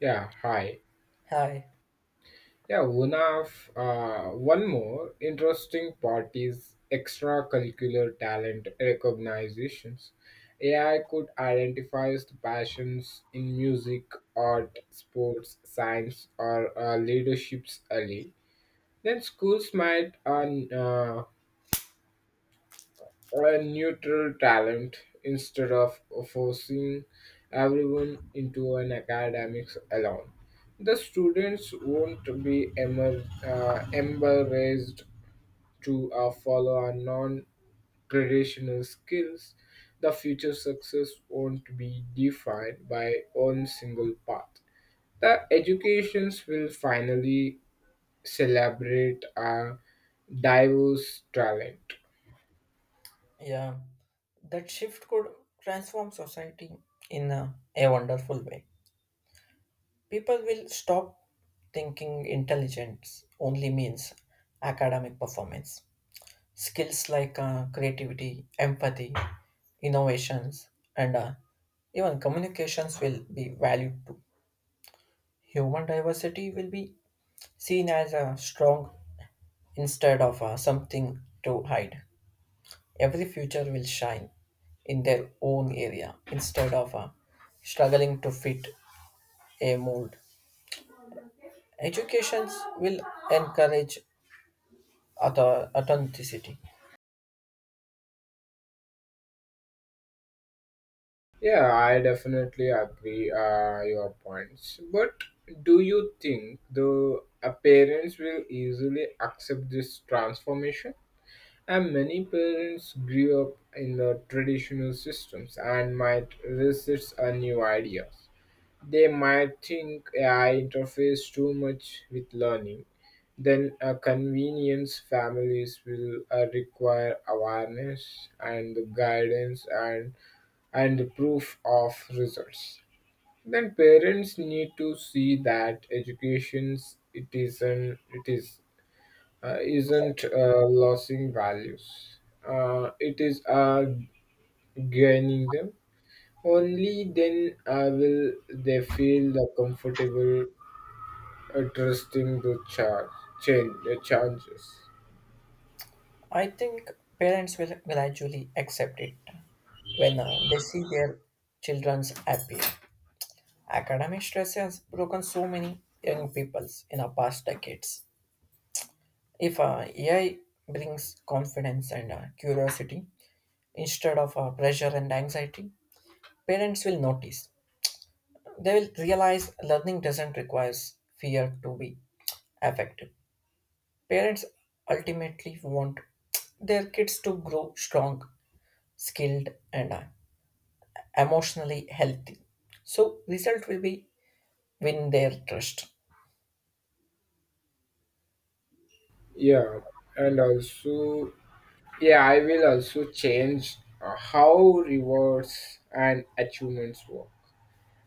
Yeah, hi. Hi. One more interesting part is extracurricular talent recognitions. AI could identify the passions in music, art, sports, science, or leaderships early. Then schools might a neutral talent instead of forcing everyone into an academics alone. The students won't be embarrassed to follow a non-traditional skills. The future success won't be defined by one single path. The educations will finally celebrate a diverse talent. Yeah. That shift could transform society in a wonderful way. People will stop thinking intelligence only means academic performance. Skills like creativity, empathy, innovations, and even communications will be valued too. Human diversity will be seen as a strong instead of something to hide. Every future will shine in their own area instead of struggling to fit a mold. Educations will encourage authenticity. Yeah, I definitely agree your points. But do you think the parents will easily accept this transformation? And many parents grew up in the traditional systems and might resist a new ideas. They might think AI interferes too much with learning. Then a convenience families will require awareness and guidance and proof of results, then parents need to see that education it isn't it is isn't losing values, it is gaining them. Only then will they feel the comfortable trusting the changes. I think parents will gradually accept it when they see their children's happy. Academic stress has broken so many young peoples in the past decades. If AI brings confidence and curiosity instead of pressure and anxiety, parents will notice. They will realize learning doesn't require fear to be effective. Parents ultimately want their kids to grow strong, skilled, and emotionally healthy. So, result will be win their trust. Yeah, and also, yeah, I will also change how rewards and achievements work,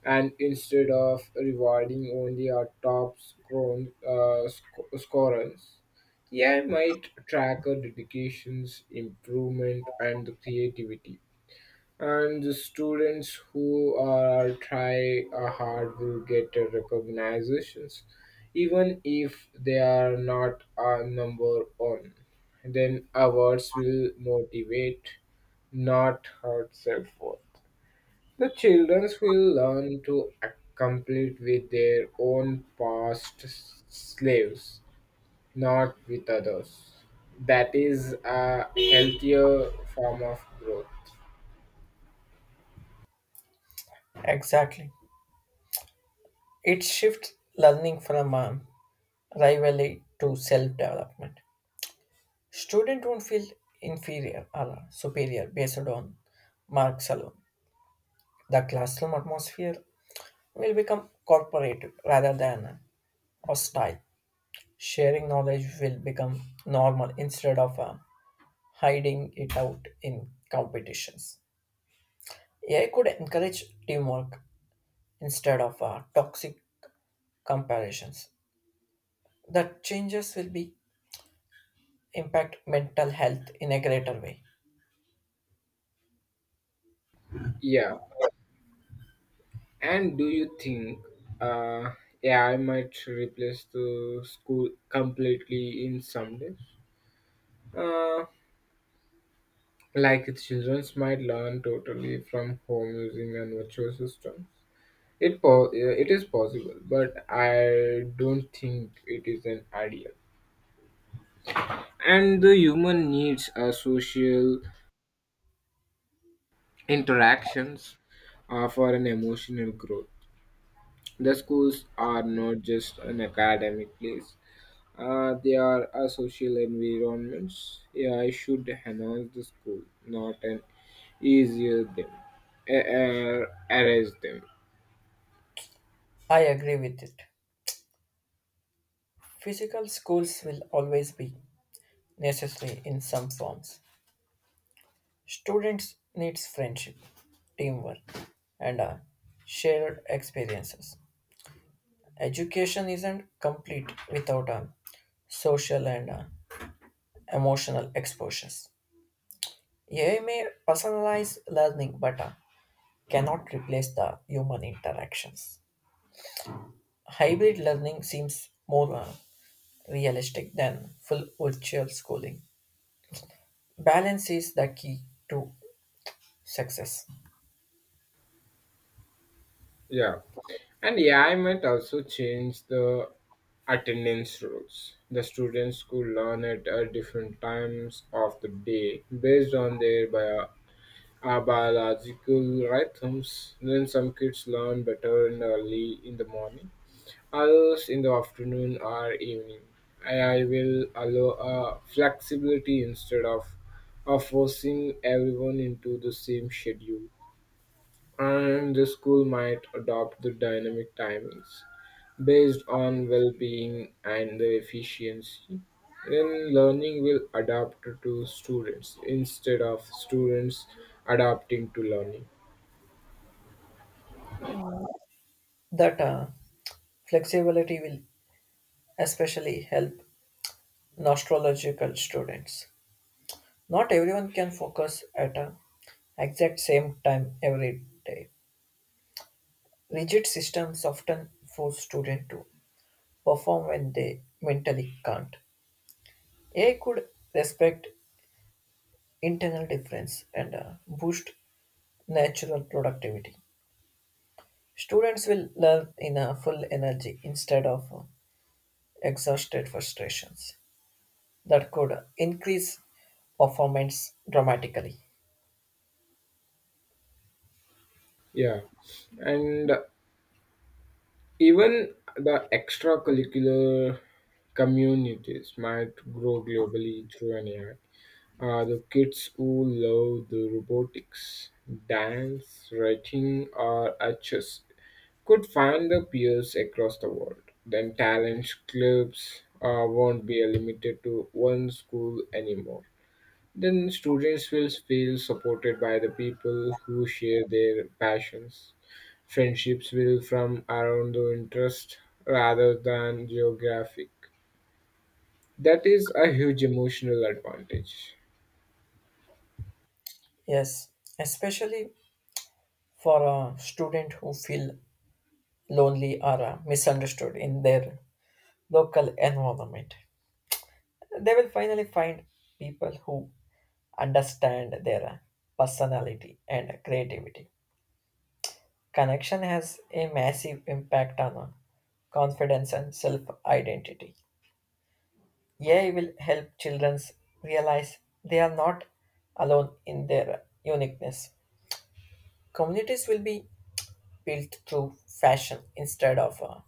and instead of rewarding only our top scorers, AI might track our dedications, improvement, and the creativity. And the students who are try hard will get a recognitions, even if they are not a number one. Then awards will motivate, not hurt self worth. The children will learn to compete with their own past slaves, not with others. That is a healthier form of growth. Exactly. It shifts learning from rivalry to self development. Student don't feel inferior or superior based on marks alone. The classroom atmosphere will become corporative rather than or style. Sharing knowledge will become normal instead of hiding it out in competitions. AI could encourage teamwork instead of toxic comparisons. The changes will be impact mental health in a greater way. Yeah. And do you think uh, AI might replace the school completely in some days? Uh, like children might learn totally from home using a virtual system. It is possible, but I don't think it is an ideal. And the human needs are social interactions for an emotional growth. The schools are not just an academic place. They are a social environments. Yeah, I should enhance the school, not an easier them, erase them. I agree with it. Physical schools will always be necessary in some forms. Students needs friendship, teamwork, and shared experiences. Education isn't complete without social and emotional exposures. AI may personalize learning but cannot replace the human interactions. Hybrid learning seems more realistic than full virtual schooling. Balance is the key to success. Yeah. And AI might also change the attendance rules. The students could learn at different times of the day based on their biological rhythms. Then some kids learn better in early in the morning, others in the afternoon or evening. AI will allow flexibility of forcing everyone into the same schedule, and the school might adopt the dynamic timings based on well-being and the efficiency. Then learning will adapt to students instead of students adapting to learning. That flexibility will especially help nostalgical students. Not everyone can focus at a exact same time every day. Rigid systems often force students to perform when they mentally can't. AI could respect internal difference and boost natural productivity. Students will learn in a full energy instead of exhausted frustrations. That could increase performance dramatically. Yeah, and even the extracurricular communities might grow globally through an AI. Are the kids who love the robotics, dance, writing, or are chess could find their peers across the world. Then talent clubs won't be limited to one school anymore. Then students will feel supported by the people who share their passions. Friendships will from around the interest rather than geographic. That is a huge emotional advantage. Yes, especially for a student who feel lonely or misunderstood in their local environment. They will finally find people who understand their personality and creativity. Connection has a massive impact on confidence and self identity. AI will help children realize they are not alone in their uniqueness. Communities will be built through fashion instead of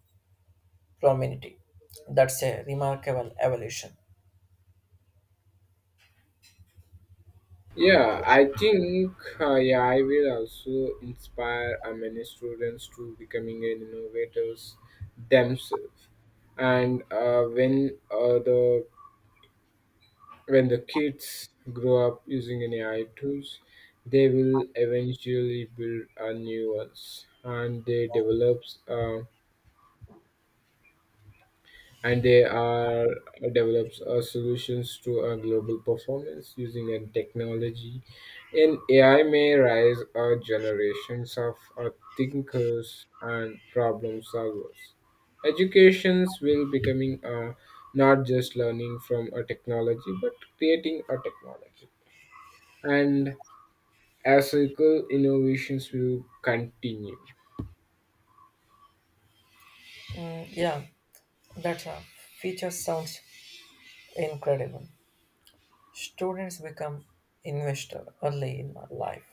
prominence. That's a remarkable evolution. Yeah, I think yeah, I will also inspire many students to becoming an innovators themselves. And when the when the kids grow up using an AI tools, they will eventually build a new ones, and they develops. And they are develops solutions to a global performance using a technology, and AI may rise generations of thinkers and problem solvers. Educations will becoming not just learning from a technology but creating a technology, and as ethical innovations will continue. Yeah, that feature sounds incredible. Students become investor early in life.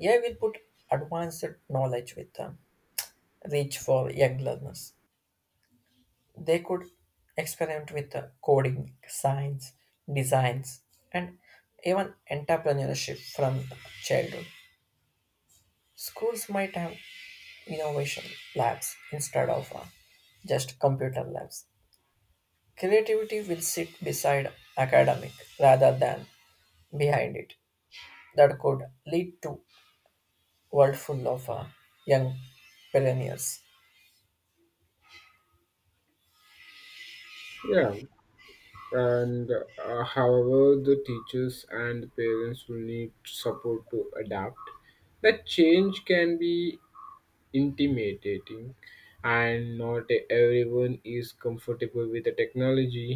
AI will put advanced knowledge with them, reach for young learners. They could experiment with coding, science, designs, and even entrepreneurship from childhood. Schools might have innovation labs instead of just computer labs. Creativity will sit beside academic rather than behind it. That could lead to world full of young pioneers. Yeah. And however, the teachers and parents will need support to adapt. The change can be intimidating, and not everyone is comfortable with the technology.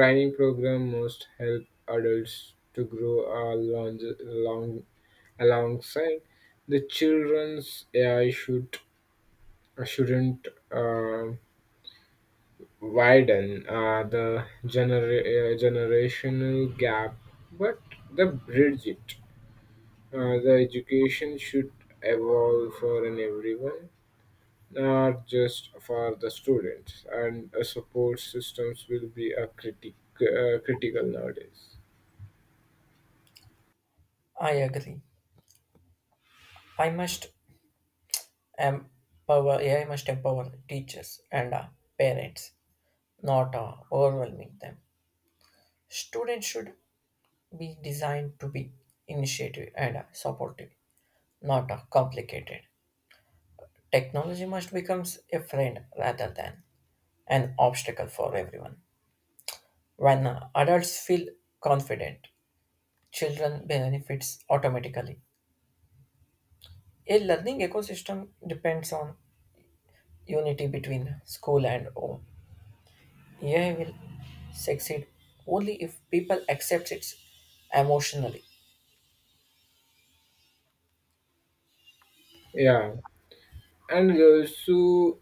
Training program must help adults to grow alongside the children's. AI shouldn't widen the generational gap, but the bridge it. The education should evolve for an everyone, not just for the students, and support systems will be a critical nowadays. I agree. I must empower AI must empower teachers and parents, not overwhelming them. Students should be designed to be initiative and supportive, not complicated. Technology must become a friend rather than an obstacle for everyone. When adults feel confident, children benefits automatically. A learning ecosystem depends on unity between school and home. AI will succeed only if people accept it emotionally. Yeah, and so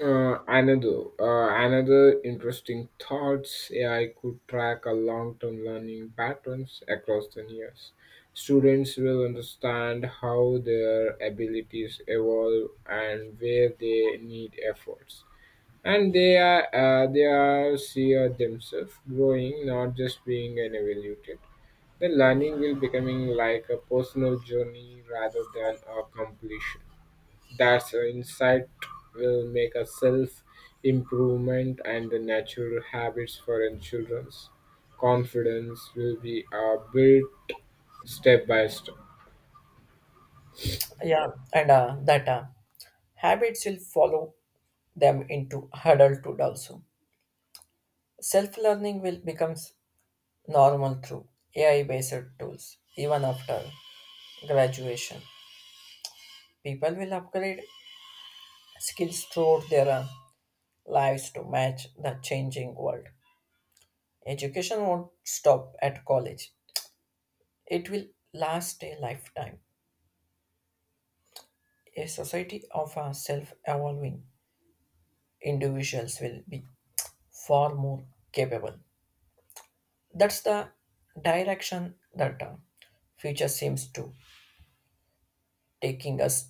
Another another interesting thoughts, AI could track a long-term learning patterns across the years. Students will understand how their abilities evolve and where they need efforts, and they are see themselves growing, not just being an evaluated. The learning will becoming like a personal journey rather than a completion. That insight will make a self improvement and the natural habits for in children's confidence will be built step by step. Yeah, and that habits will follow them into adulthood also. Self learning will become normal through AI based tools even after graduation. People will upgrade skills throughout their lives to match the changing world. Education won't stop at college, it will last a lifetime. A society of self evolving individuals will be far more capable. That's the direction that future seems to taking us.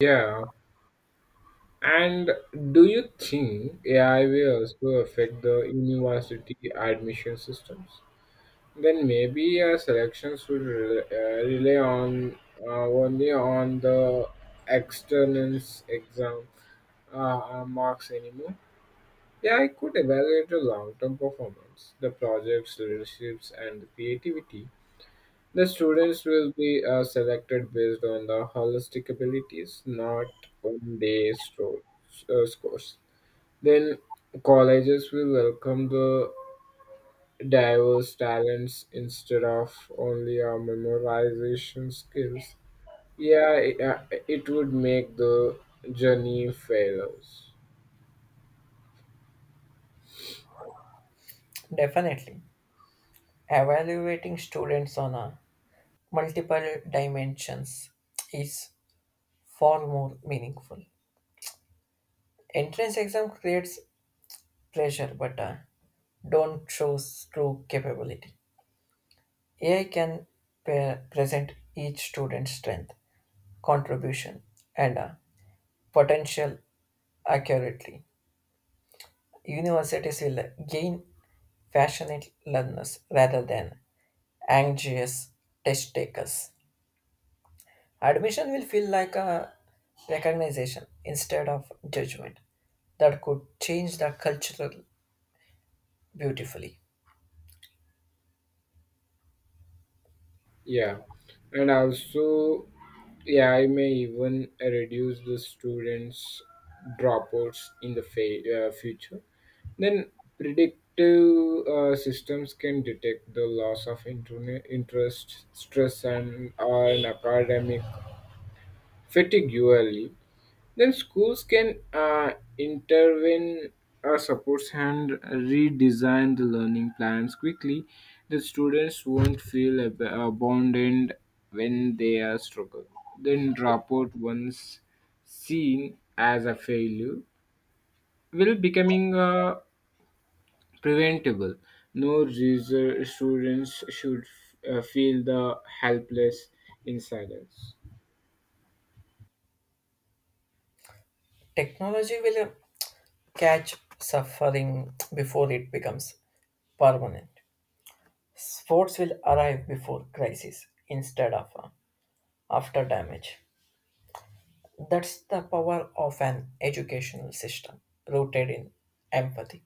Yeah. And do you think AI will also affect the university admission systems? Then maybe selections will rely on only on the external exam marks anymore. Yeah, I could evaluate the long term performance, the project's leaderships, and the creativity. The students will be selected based on the holistic abilities, not on their scores. Then colleges will welcome the diverse talents instead of only our memorization skills. Yeah, it, uh, it would make the journey fairer. Definitely. Evaluating students on multiple dimensions is far more meaningful. Entrance exam creates pressure but don't show true capability. AI can present each student's strength, contribution, and potential accurately. Universities will gain passionate learners rather than anxious test takers. Admission will feel like a recognition instead of judgment that could change the cultural beautifully. Yeah, and also, yeah, I may even reduce the students' dropouts in the future. Then predictive systems can detect the loss of interest, stress, and an academic fatigue early. Then schools can intervene or supports and redesign the learning plans quickly. The students won't feel abandoned when they are struggle. Then dropout once seen as a failure will becoming preventable. No reason students should feel the helpless in silence. Technology will catch suffering before it becomes permanent. Sports will arrive before crisis instead of after damage. That's the power of an educational system rooted in empathy.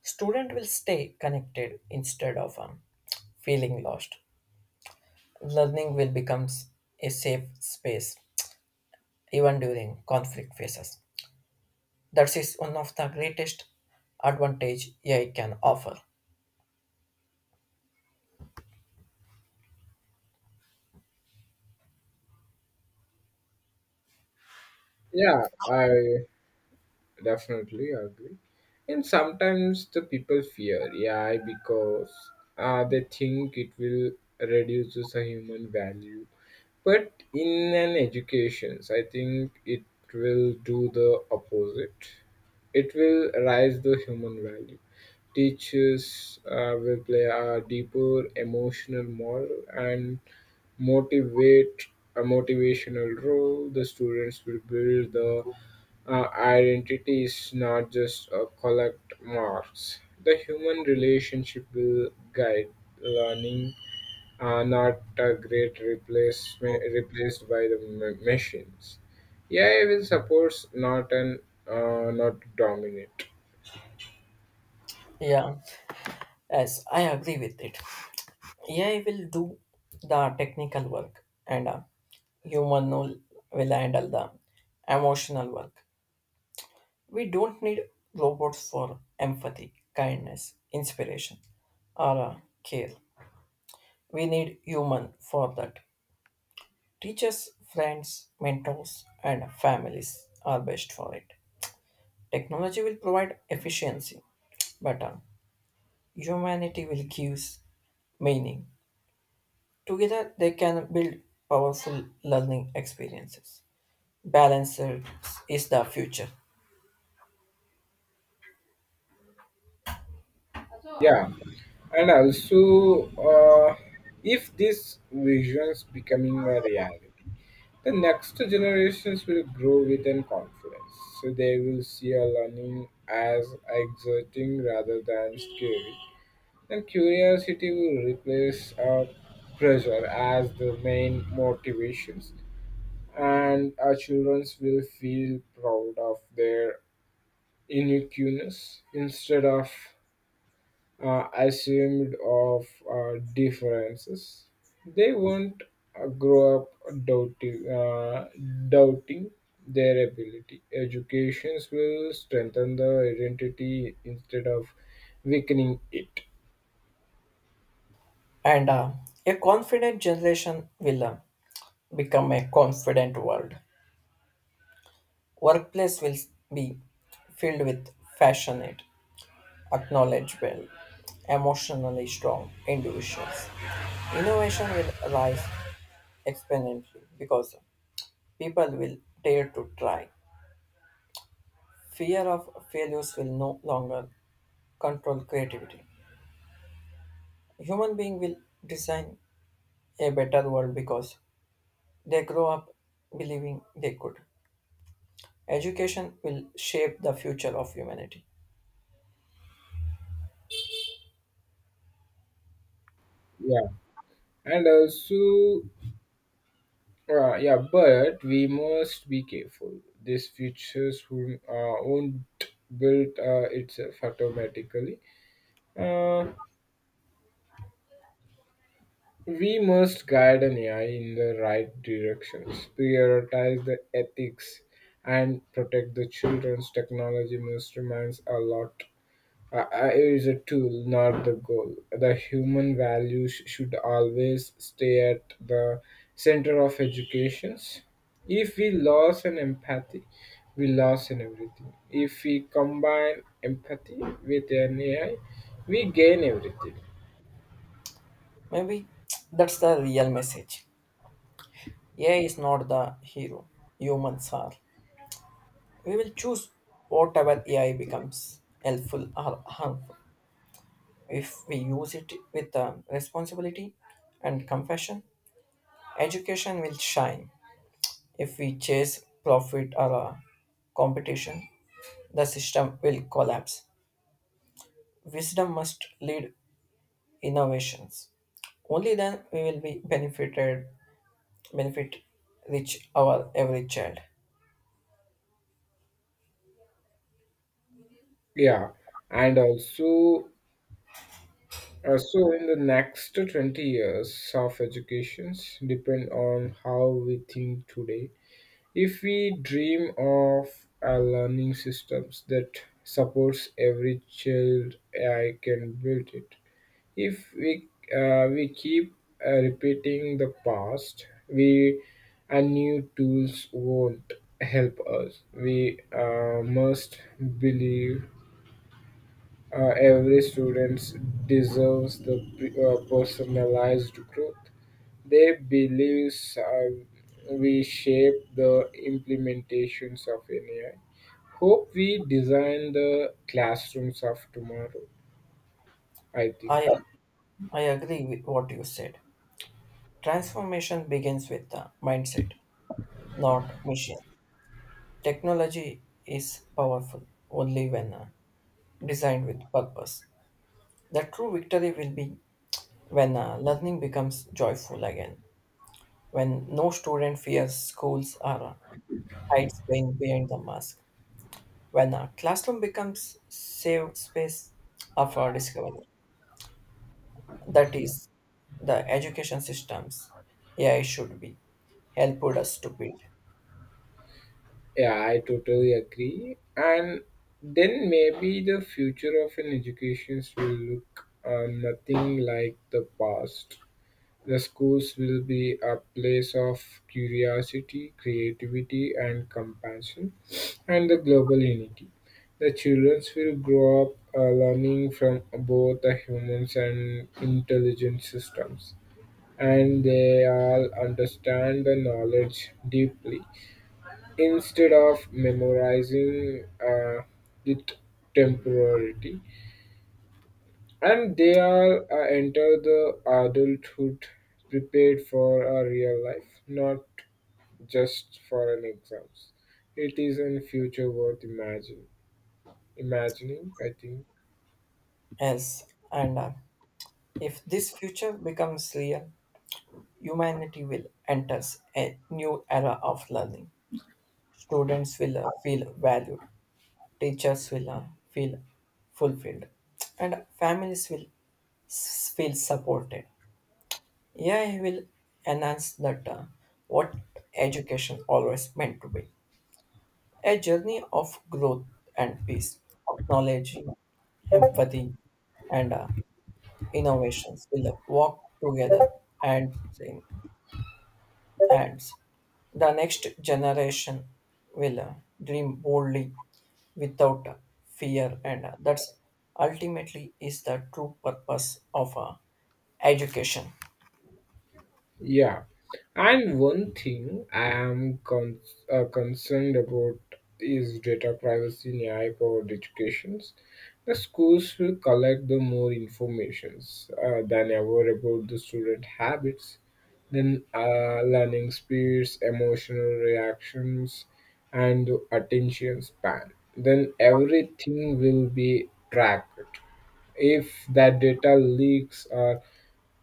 Student will stay connected instead of feeling lost. Learning will become a safe space even during conflict phases. That is one of the greatest advantage AI can offer. Yeah, I definitely agree. And sometimes the people fear AI because they think it will reduces the human value, but in an education I think it will do the opposite. It will raise the human value. Teachers will play a deeper emotional moral and motivate a motivational role. The students will build the identity is not just a collect marks. The human relationship will guide learning, are not a great replacement replaced by the machines. AI will support, not an not dominate. Yeah, yes, I agree with it. AI will do the technical work and human will handle the emotional work. We don't need robots for empathy, kindness, inspiration, or care. We need human for that. Teachers, friends, mentors, and families are best for it. Technology will provide efficiency, but humanity will give meaning. Together, they can build powerful learning experiences. Balance is the future, Yeah, and also if this visions becoming a reality, the next generations will grow within confidence, so they will see a learning as exerting rather than scary. And curiosity will replace pressure as the main motivations, and our children will feel proud of their uniqueness instead of assumed of differences. They won't grow up doubting, uh, doubting their ability. Educations will strengthen the identity instead of weakening it. and a confident generation will become a confident world. Workplace will be filled with passionate, acknowledgeable, emotionally strong individuals. Innovation will rise exponentially because people will dare to try. Fear of failures will no longer control creativity. Human beings will design a better world because they grow up believing they could. Education will shape the future of humanity. Yeah, and also, yeah, but we must be careful. This features won't build itself automatically. Uh, We must guide an AI in the right directions, prioritize the ethics, and protect the children's technology must reminds a lot. AI is a tool, not the goal. The human values should always stay at the center of educations. If we lose an empathy, we lose in everything. If we combine empathy with an AI, we gain everything. Maybe that's the real message. AI is not the hero, humans are. We will choose whatever AI becomes helpful or harmful. If we use it with responsibility and compassion, education will shine. If we chase profit or competition, the system will collapse. Wisdom must lead innovations. Only then we will be benefited, benefit reach our every child. Yeah, and also in the next 20 years of educations depend on how we think today. If we dream of a learning systems that supports every child, I can build it. If we keep repeating the past, we and new tools won't help us. We must believe every student deserves the personalized growth. They beliefs we shape the implementations of an AI. Hope we design the classrooms of tomorrow, I think. I I agree with what you said. Transformation begins with the mindset, not machines. Technology is powerful only when designed with purpose. The true victory will be when learning becomes joyful again, when no student fears schools or hides being behind the mask, when a classroom becomes safe space of our discovery. That is the education systems AI should be helped us to build. Yeah, I totally agree. And then maybe the future of an education will look nothing like the past. The schools will be a place of curiosity, creativity, and compassion, and the global unity. The children will grow up learning from both the humans and intelligent systems, and they all understand the knowledge deeply instead of memorizing it temporarily, and they are enter the adulthood prepared for a real life, not just for an exams. It is in future worth imagine imagining, I think. Yes, and if this future becomes real, humanity will enter a new era of learning. Students will feel valued, teachers will feel fulfilled, and families will feel supported. AI will enhance that what education always meant to be a journey of growth and peace, of knowledge, empathy, and innovations will walk together and in hands. The next generation will dream boldly without fear, and that's ultimately is the true purpose of education. Yeah, and one thing I am concerned about is data privacy in AI powered educations. The schools will collect the more informations than ever about the student habits, then learning speeds, emotional reactions, and the attention span. Then everything will be tracked. If that data leaks or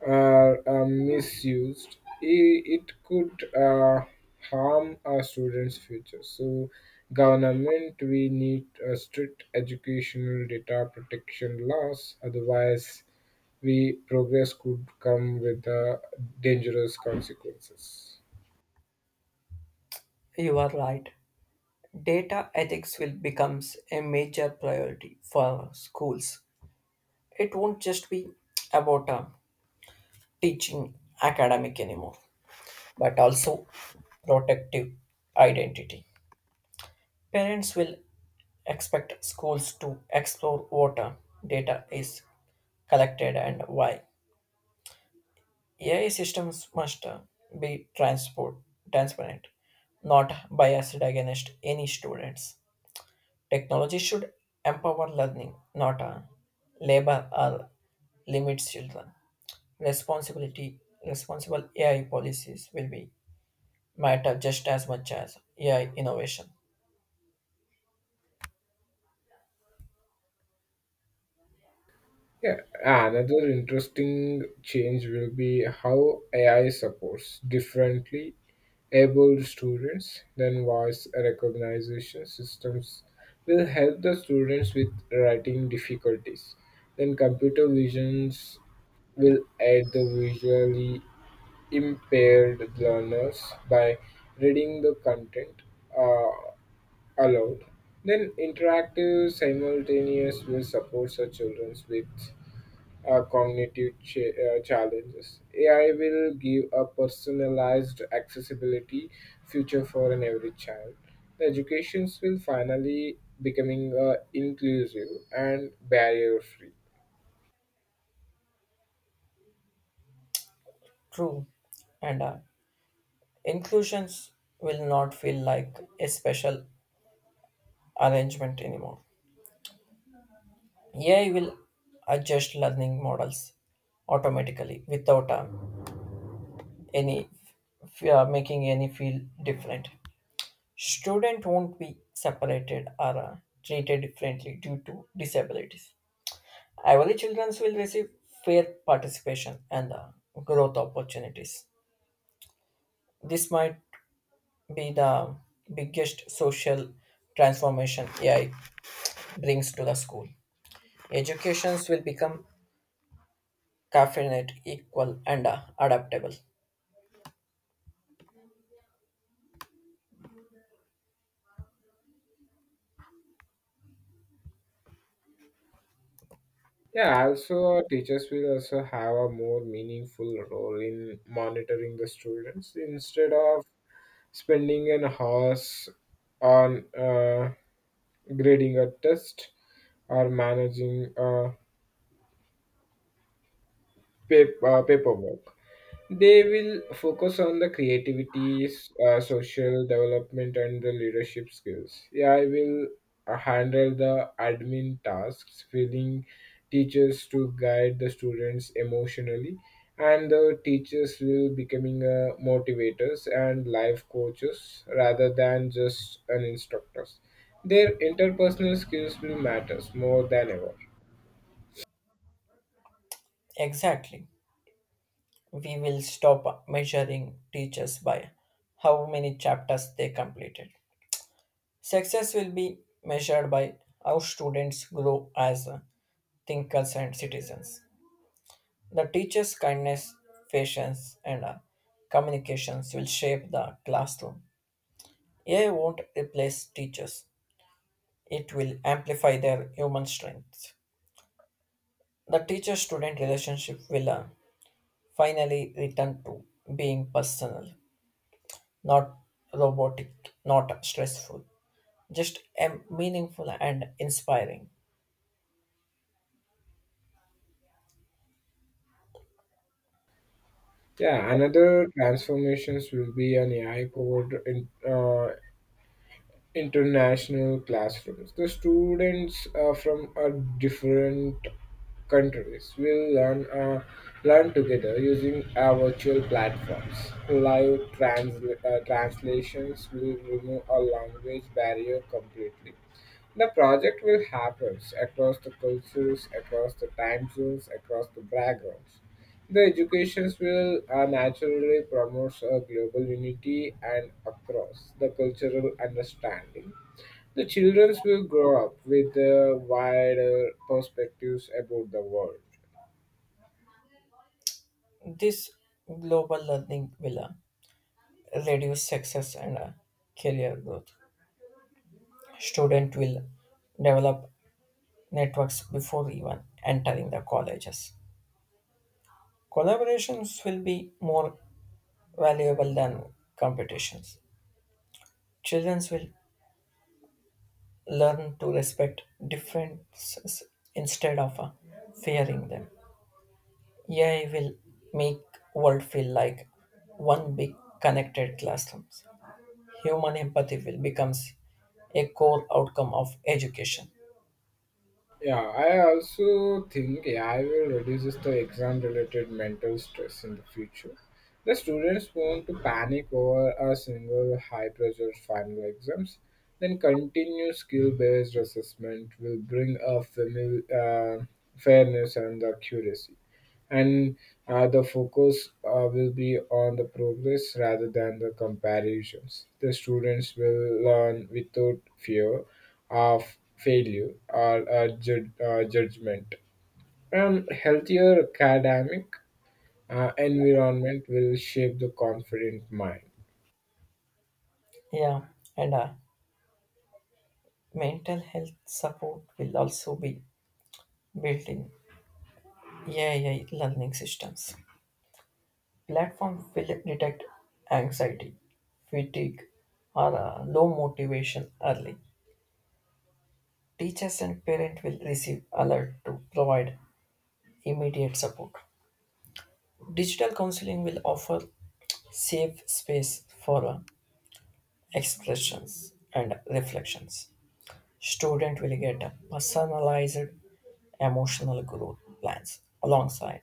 are misused, it could harm our students' future. So government, we need a strict educational data protection laws. Otherwise, we progress could come with dangerous consequences. You are right. Data ethics will becomes a major priority for schools. It won't just be about teaching academic anymore, but also protective identity. Parents will expect schools to explore what data is collected and why. AI systems must be transparent, not biased against any students. Technology should empower learning, not labor or limit children. Responsibility, responsible AI policies will be matter just as much as AI innovation. Yeah, another interesting change will be how AI supports differently abled students than voice recognition systems will help the students with writing difficulties. Then computer visions will aid the visually impaired learners by reading the content uh, aloud. Then interactive simultaneous will support such children with cognitive challenges. AI will give a personalized accessibility future for an every child. The educations will finally becoming inclusive and barrier free. True, and inclusions will not feel like a special arrangement anymore. AI will adjust learning models automatically without any making any feel different. Student won't be separated or treated differently due to disabilities. Average children will receive fair participation and growth opportunities. This might be the biggest social transformation AI brings to the school. Educations will become confident, equal, and adaptable. Yeah, also our teachers will also have a more meaningful role in monitoring the students instead of spending an hours on grading a test or managing paperwork. They will focus on the creativity, social development, and the leadership skills. Yeah, I will handle the admin tasks, filling teachers to guide the students emotionally, and the teachers will becoming motivators and life coaches rather than just an instructors. Their interpersonal skills will matters more than ever. Exactly. We will stop measuring teachers by how many chapters they completed. Success will be measured by how students grow as thinkers and citizens. The teacher's kindness, patience, and communications will shape the classroom. AI won't replace teachers, it will amplify their human strengths. The teacher student relationship will finally return to being personal. Not robotic, not stressful, just meaningful and inspiring. Yeah, another transformations will be an AI powered international classrooms. The students from different countries will learn together using virtual platforms. Live translations will remove a language barrier completely. The project will happen across the cultures, across the time zones, across the backgrounds. The educations will naturally promote a global unity and across the cultural understanding. The children will grow up with wider perspectives about the world. This global learning will reduce success and career growth. Student will develop networks before even entering the colleges. Collaborations will be more valuable than competitions. Children will learn to respect differences instead of fearing them. AI will make world feel like one big connected classrooms. Human empathy will becomes a core outcome of education. Yeah, I also think AI will reduce the exam related mental stress in the future. The students won't to panic over a single high pressure final exams. Then continue skill based assessment will bring fairness and the accuracy and the focus will be on the progress rather than the comparisons. The students will learn without fear of failure or judgment. And healthier academic environment will shape the confident mind. Yeah, and mental health support will also be built in AI learning systems. Platform will detect anxiety, fatigue, or low motivation early. Teachers and parents will receive alert to provide immediate support. Digital counseling will offer safe space for expressions and reflections. Student will get a personalized emotional growth plans alongside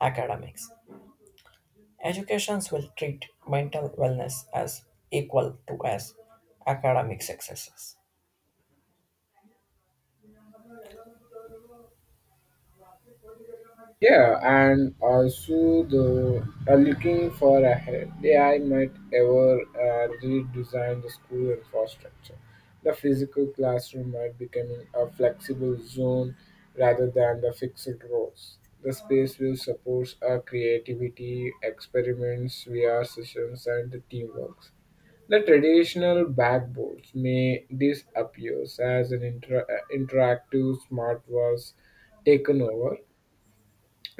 academics. Educations will treat mental wellness as equal to as academic successes. Yeah, and also the looking for a head. Yeah, I might ever redesign the school infrastructure. The physical classroom might becoming a flexible zone rather than the fixed rows. The space will support our creativity, experiments, VR sessions, and the teamworks. The traditional backboards may disappear as an interactive smart walls taken over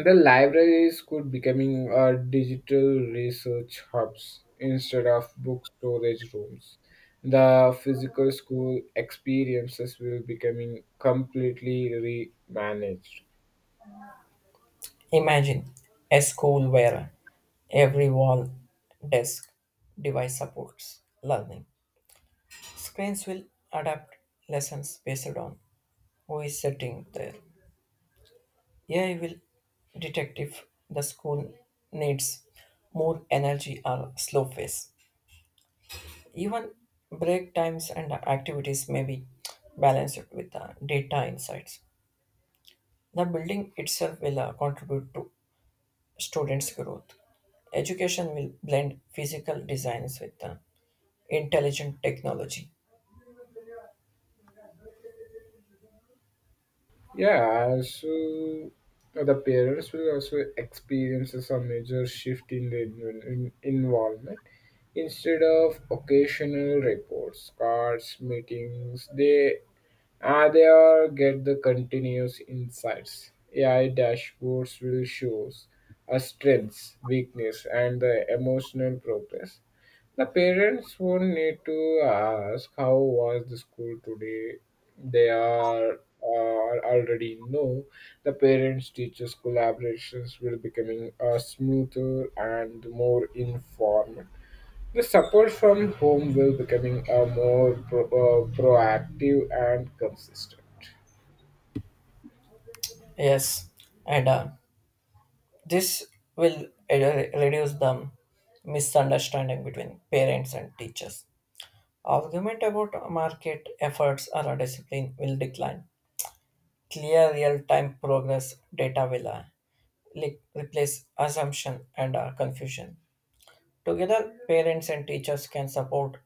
the libraries could becoming a digital research hubs instead of book storage rooms. The physical school experiences will becoming completely remanaged. Imagine a school where every wall, desk, device supports learning. Screens will adapt lessons based on who is sitting there. Yeah, will detect if the school needs more energy or slow pace? Even break times and activities may be balanced with the data insights. The building itself will contribute to students' growth. Education will blend physical designs with intelligent technology. Yeah, so the parents will also experiences a major shift in the involvement. Instead of occasional reports, cards, meetings, they are get the continuous insights. AI dashboards will show us strengths, weakness, and the emotional progress. The parents won't need to ask how was the school today. They are already know the parents teachers collaborations will becoming smoother and more informed. The support from home will becoming a more proactive and consistent. Yes, and this will uh, reduce the misunderstanding between parents and teachers. Argument about market efforts or a discipline will decline. Clear real-time progress data will replace assumption and confusion. Together, parents and teachers can support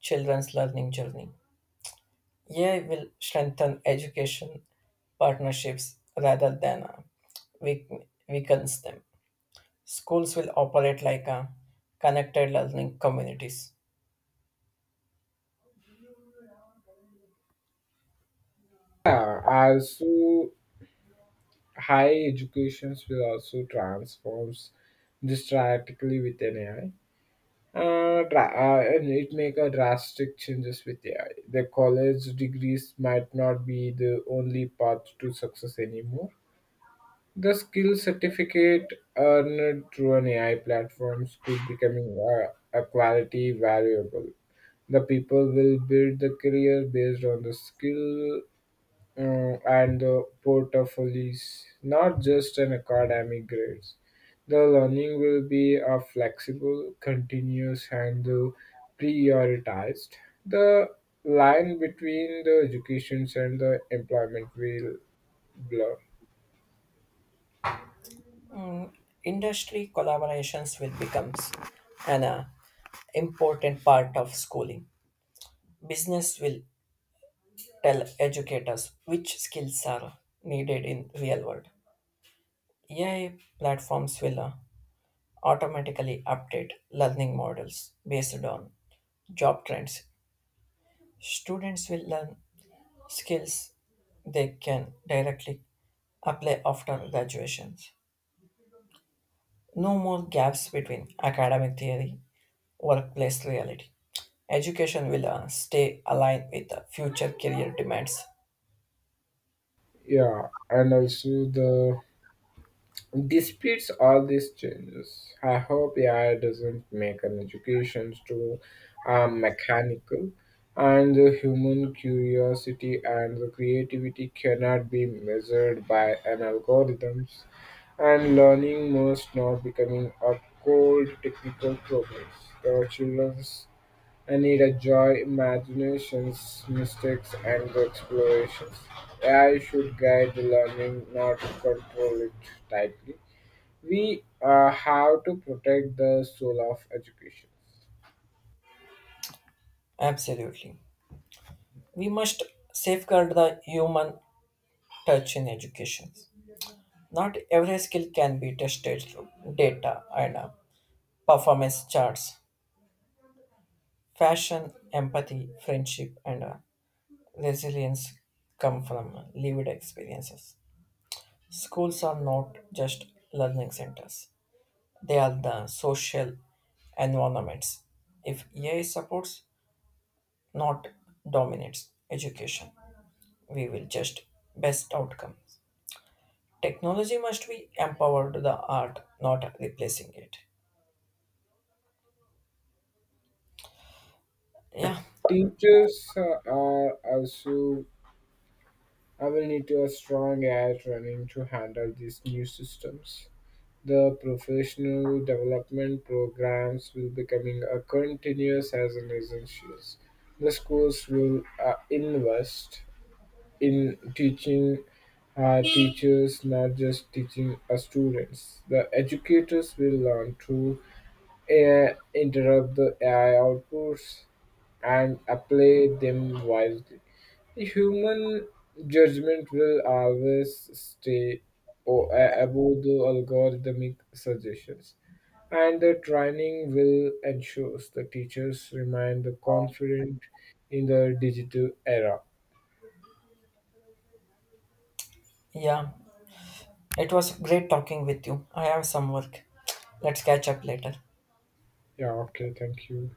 children's learning journey. AI will strengthen education partnerships rather than weak- weakens them. Schools will operate like a connected learning communities. Yeah, also high educations will also transforms this drastically with an AI. And it make a drastic changes with AI. The college degrees might not be the only path to success anymore. The skill certificate earned through an AI platforms could becoming a quality variable. The people will build the career based on the skill and the portfolios, not just an academic grades. The learning will be a flexible, continuous, and prioritized. The line between the educations and the employment will blur. Industry collaborations will become an important part of schooling. Business will tell educators which skills are needed in real world. AI platforms will automatically update learning models based on job trends. Students will learn skills they can directly apply after graduations. No more gaps between academic theory, workplace reality. Education will stay aligned with the future career demands. Yeah, and also the disputes all these changes. I hope AI doesn't make an education too mechanical, and the human curiosity and the creativity cannot be measured by an algorithms, and learning must not becoming a cold technical progress. The children I need a joy, imaginations, mistakes, and the explorations. AI should guide the learning, not control it tightly. We have to protect the soul of education. Absolutely. We must safeguard the human touch in education. Not every skill can be tested through data and performance charts. Fashion, empathy, friendship, and resilience come from lived experiences. Schools are not just learning centers, they are the social environments. If AI supports, not dominates education, we will just best outcomes. Technology must be empowered the art, not replacing it. Yeah, Teachers are also I will need to a strong AI training to handle these new systems. The professional development programs will becoming a continuous as an essentials. The schools will invest in teaching teachers, not just teaching students. The educators will learn to interrupt the AI outputs and apply them wisely. The human judgment will always stay above the algorithmic suggestions. And the training will ensure the teachers remain the confident in the digital era. yeah. It was great talking with you. I have some work. Let's catch up later. Yeah, okay, thank you.